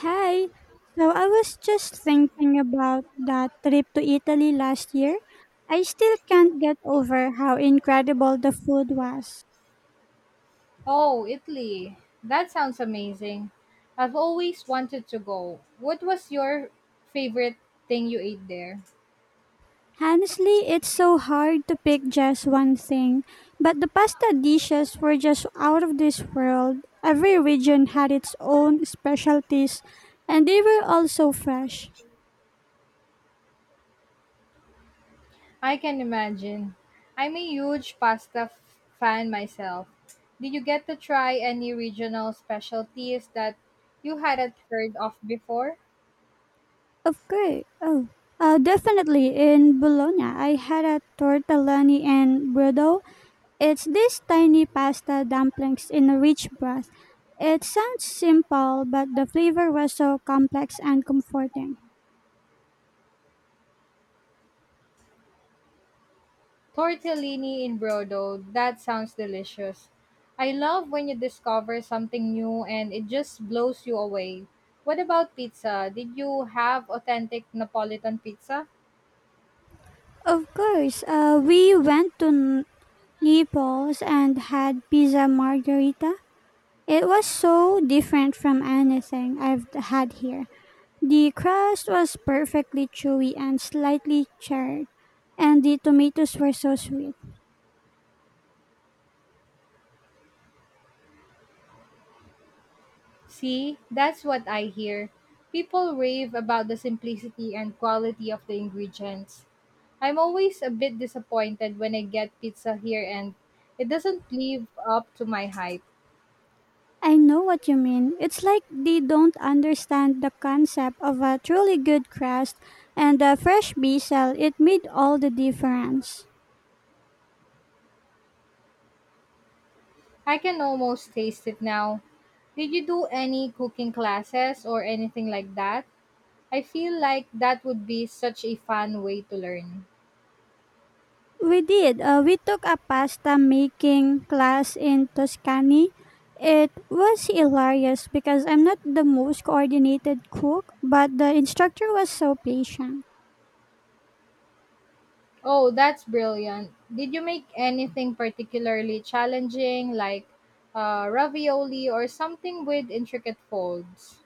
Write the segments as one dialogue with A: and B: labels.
A: Hi. So I was just thinking about that trip to Italy last year. I still can't get over how incredible the food was.
B: Oh, Italy. That sounds amazing. I've always wanted to go. What was your favorite thing you ate there?
A: Honestly, it's so hard to pick just one thing, but the pasta dishes were just out of this world. Every region had its own specialties, and they were all so fresh.
B: I can imagine. I'm a huge fan myself. Did you get to try any regional specialties that you hadn't heard of before?
A: Of course. Oh, definitely in Bologna. I had a tortellini and brodo. It's these tiny pasta dumplings in a rich broth. It sounds simple, but the flavor was so complex and comforting.
B: Tortellini in brodo, that sounds delicious. I love when you discover something new and it just blows you away. What about pizza? Did you have authentic Napolitan pizza?
A: Of course, we went to Naples and had pizza margherita. It was so different from anything I've had here. The crust was perfectly chewy and slightly charred, and the tomatoes were so sweet.
B: See, that's what I hear. People rave about the simplicity and quality of the ingredients. I'm always a bit disappointed when I get pizza here and it doesn't live up to my hype.
A: I know what you mean. It's like they don't understand the concept of a truly good crust, and the fresh basil, it made all the difference.
B: I can almost taste it now. Did you do any cooking classes or anything like that? I feel like that would be such a fun way to learn.
A: We did. We took a pasta making class in Tuscany. It was hilarious because I'm not the most coordinated cook, but the instructor was so patient.
B: Oh, that's brilliant. Did you make anything particularly challenging, like ravioli or something with intricate folds?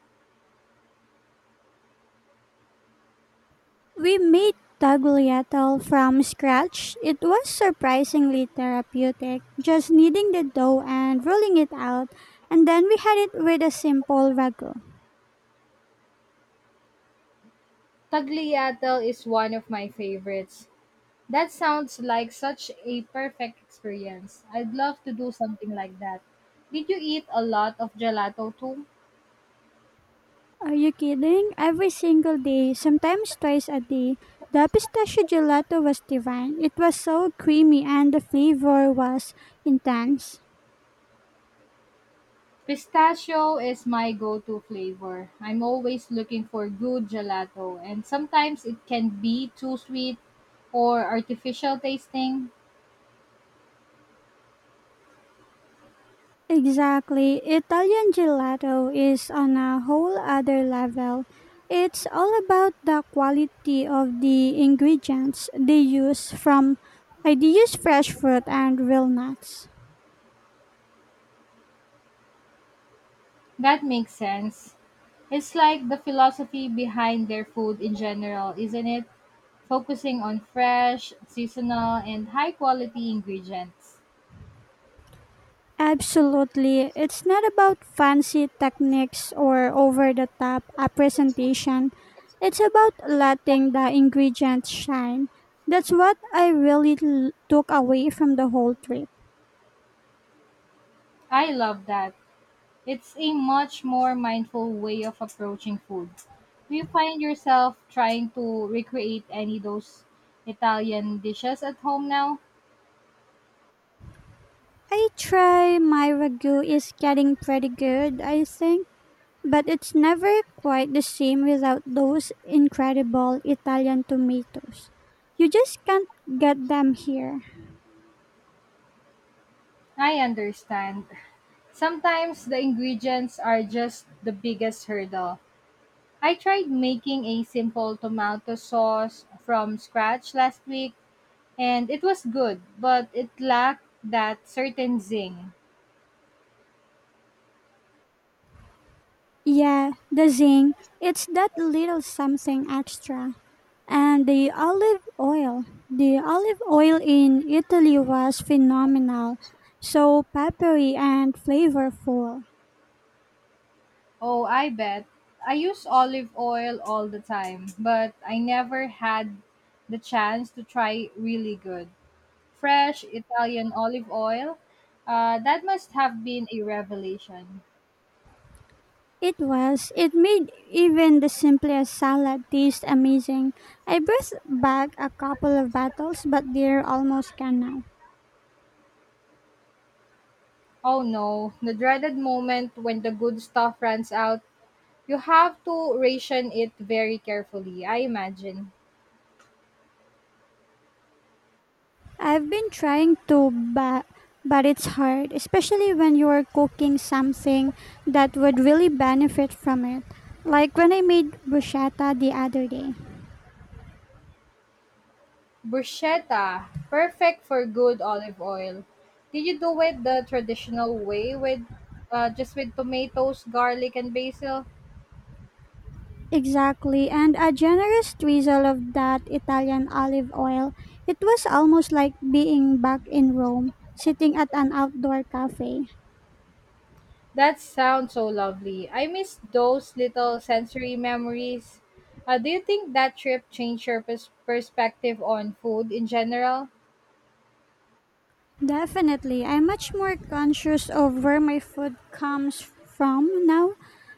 A: We made tagliatelle from scratch. It was surprisingly therapeutic, just kneading the dough and rolling it out, and then we had it with a simple ragu.
B: Tagliatelle is one of my favorites. That sounds like such a perfect experience. I'd love to do something like that. Did you eat a lot of gelato too?
A: Are you kidding? Every single day, sometimes twice a day, the pistachio gelato was divine. It was so creamy and the flavor was intense.
B: Pistachio is my go-to flavor. I'm always looking for good gelato, and sometimes it can be too sweet or artificial tasting.
A: Exactly. Italian gelato is on a whole other level. It's all about the quality of the ingredients they use from I they use fresh fruit and real nuts.
B: That makes sense. It's like the philosophy behind their food in general, isn't it? Focusing on fresh, seasonal, and high quality ingredients.
A: Absolutely. It's not about fancy techniques or over the top a presentation. It's about letting the ingredients shine. That's what I really took away from the whole trip.
B: I love that. It's a much more mindful way of approaching food. Do you find yourself trying to recreate any of those Italian dishes at home now?
A: I try, my ragu is getting pretty good, I think, but it's never quite the same without those incredible Italian tomatoes. You just can't get them here.
B: I understand. Sometimes the ingredients are just the biggest hurdle. I tried making a simple tomato sauce from scratch last week and it was good, but it lacked that certain zing.
A: Yeah, the zing, it's that little something extra. And the olive oil. The olive oil in Italy was phenomenal, so peppery and flavorful.
B: Oh, I bet. I use olive oil all the time, but I never had the chance to try really good, fresh Italian olive oil. That must have been a revelation.
A: It was. It made even the simplest salad taste amazing. I burst back a couple of bottles, but they're almost gone now.
B: Oh no, the dreaded moment when the good stuff runs out. You have to ration it very carefully, I imagine.
A: I've been trying to, but it's hard, especially when you are cooking something that would really benefit from it. Like when I made bruschetta the other day.
B: Bruschetta, perfect for good olive oil. Did you do it the traditional way with just with tomatoes, garlic, and basil?
A: Exactly, and a generous drizzle of that Italian olive oil. It was almost like being back in Rome, sitting at an outdoor cafe.
B: That sounds so lovely. I miss those little sensory memories. Do you think that trip changed your perspective on food in general?
A: Definitely. I'm much more conscious of where my food comes from now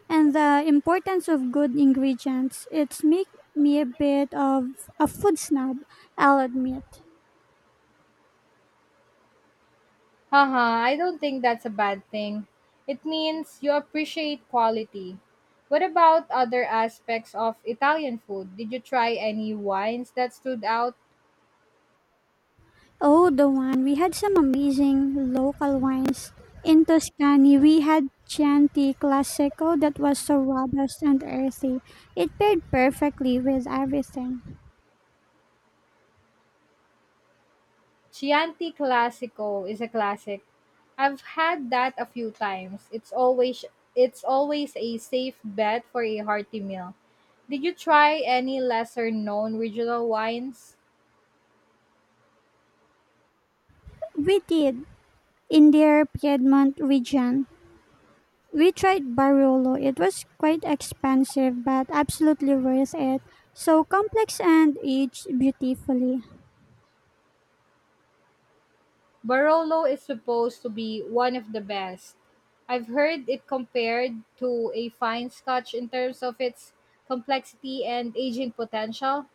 A: and the importance of good ingredients. It's make me a bit of a food snob, I'll admit.
B: Haha, I don't think that's a bad thing. It means you appreciate quality. What about other aspects of Italian food? Did you try any wines that stood out?
A: Oh, the one. We had some amazing local wines. In Tuscany, we had Chianti Classico that was so robust and earthy. It paired perfectly with everything.
B: Chianti Classico is a classic. I've had that a few times. It's always a safe bet for a hearty meal. Did you try any lesser known regional wines?
A: We did, in their Piedmont region. We tried Barolo. It was quite expensive, but absolutely worth it. So complex and aged beautifully.
B: Barolo is supposed to be one of the best. I've heard it compared to a fine scotch in terms of its complexity and aging potential.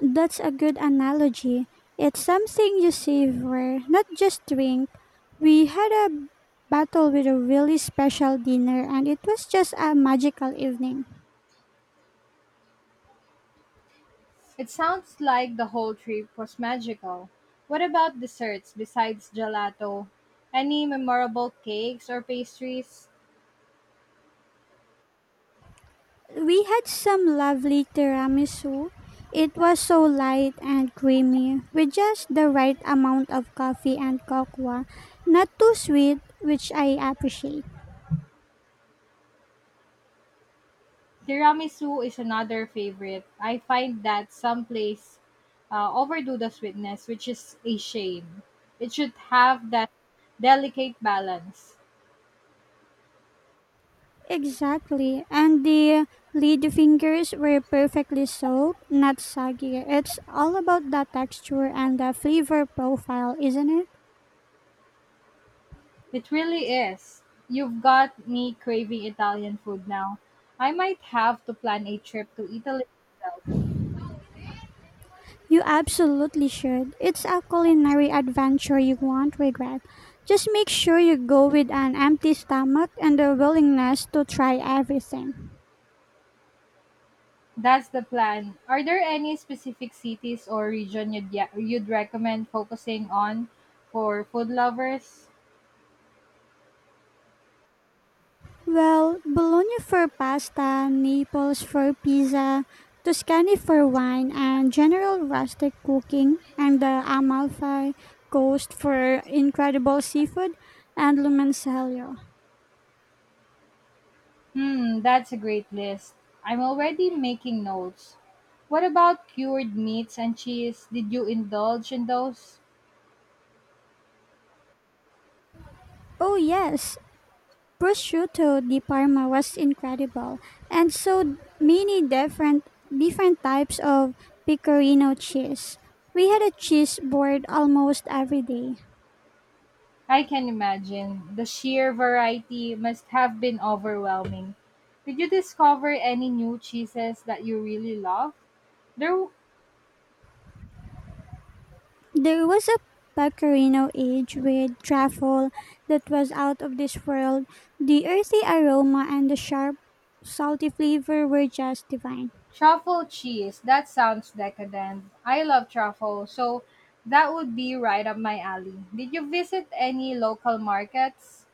A: That's a good analogy. It's something you savor, not just drink. We had a battle with a really special dinner, and it was just a magical evening.
B: It sounds like the whole trip was magical. What about desserts besides gelato? Any memorable cakes or pastries?
A: We had some lovely tiramisu. It was so light and creamy, with just the right amount of coffee and cocoa, not too sweet, which I appreciate.
B: Tiramisu is another favorite. I find that some place overdo the sweetness, which is a shame. It should have that delicate balance.
A: Exactly, and the lid fingers were perfectly soaked, not soggy. It's all about the texture and the flavor profile, isn't it?
B: It really is. You've got me craving Italian food now. I might have to plan a trip to Italy myself.
A: You absolutely should. It's a culinary adventure you won't regret. Just make sure you go with an empty stomach and a willingness to try everything.
B: That's the plan. Are there any specific cities or region you'd recommend focusing on for food lovers?
A: Well, Bologna for pasta, Naples for pizza, Tuscany for wine, and general rustic cooking, and the Amalfi Coast for incredible seafood, and Lumencello.
B: Hmm, that's a great list. I'm already making notes. What about cured meats and cheese? Did you indulge in those?
A: Oh, yes, prosciutto di Parma was incredible, and so many different types of pecorino cheese. We had a cheese board almost every day.
B: I can imagine. The sheer variety must have been overwhelming. Did you discover any new cheeses that you really love? There
A: There was a pecorino aged with truffle that was out of this world. The earthy aroma and the sharp, salty flavor were just divine.
B: Truffle cheese, that sounds decadent. I love truffle, so that would be right up my alley. Did you visit any local markets?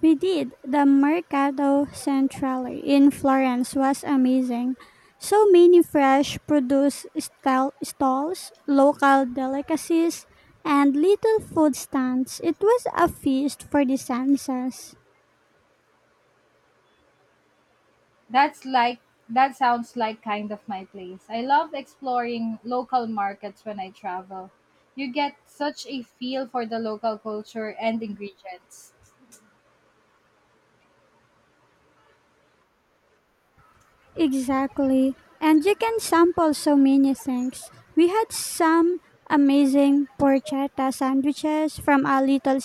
A: We did. The Mercato Centrale in Florence was amazing. So many fresh stalls, local delicacies, and little food stands. It was a feast for the senses.
B: That's like that sounds like kind of my place. I love exploring local markets when I travel. You get such a feel for the local culture and ingredients.
A: Exactly. And you can sample so many things. We had some amazing porchetta sandwiches from a little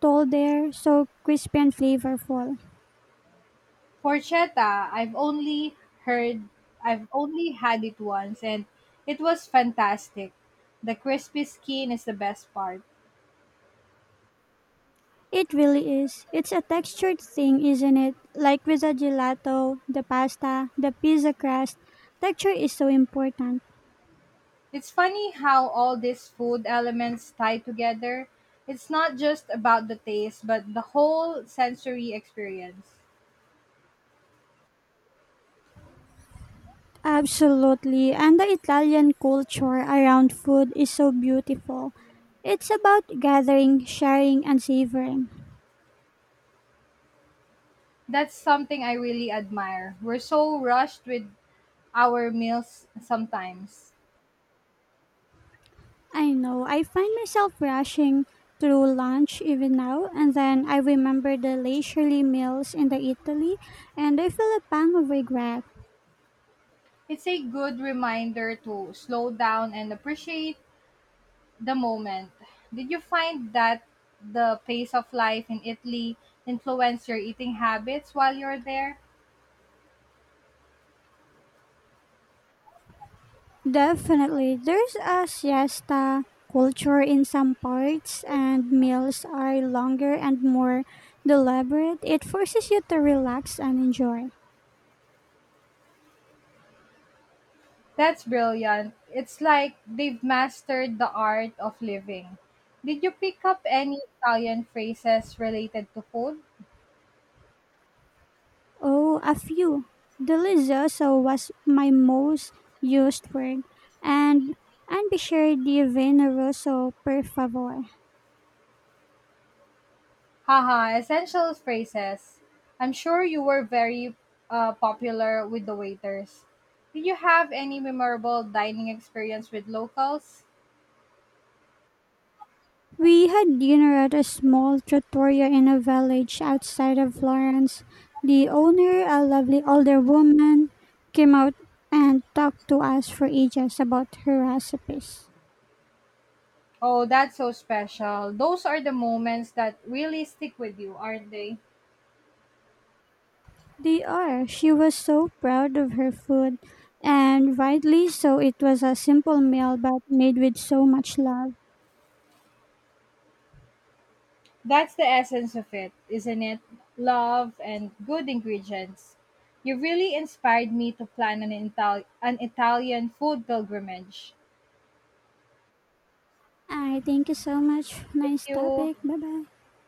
A: stall there, so crispy and flavorful.
B: Porchetta, heard I've only had it once and it was fantastic. The crispy skin is the best part.
A: It really is. It's a textured thing, isn't it? Like with the gelato, the pasta, the pizza crust, texture is so important.
B: It's funny how all these food elements tie together. It's not just about the taste, but the whole sensory experience.
A: Absolutely. And the Italian culture around food is so beautiful. It's about gathering, sharing, and savoring.
B: That's something I really admire. We're so rushed with our meals sometimes.
A: I know, I find myself rushing through lunch even now, and then I remember the leisurely meals in the Italy, and I feel a pang of regret.
B: It's a good reminder to slow down and appreciate the moment. Did you find that the pace of life in Italy influenced your eating habits while you're there?
A: Definitely. There's a siesta culture in some parts, and meals are longer and more deliberate. It forces you to relax and enjoy.
B: That's brilliant. It's like they've mastered the art of living. Did you pick up any Italian phrases related to food?
A: Oh, a few. Delicioso was my most used word, and be sure di veneroso, per favor.
B: Haha, essential phrases. I'm sure you were very popular with the waiters. Did you have any memorable dining experience with locals?
A: We had dinner at a small trattoria in a village outside of Florence. The owner, a lovely older woman, came out and talked to us for ages about her recipes.
B: Oh, that's so special. Those are the moments that really stick with you, aren't they?
A: They are. She was so proud of her food, and rightly so. It was a simple meal but made with so much love.
B: That's the essence of it, isn't it? Love and good ingredients. You really inspired me to plan an Italian food pilgrimage.
A: I thank you so much.
B: Thank
A: Nice
B: you.
A: topic. Bye bye.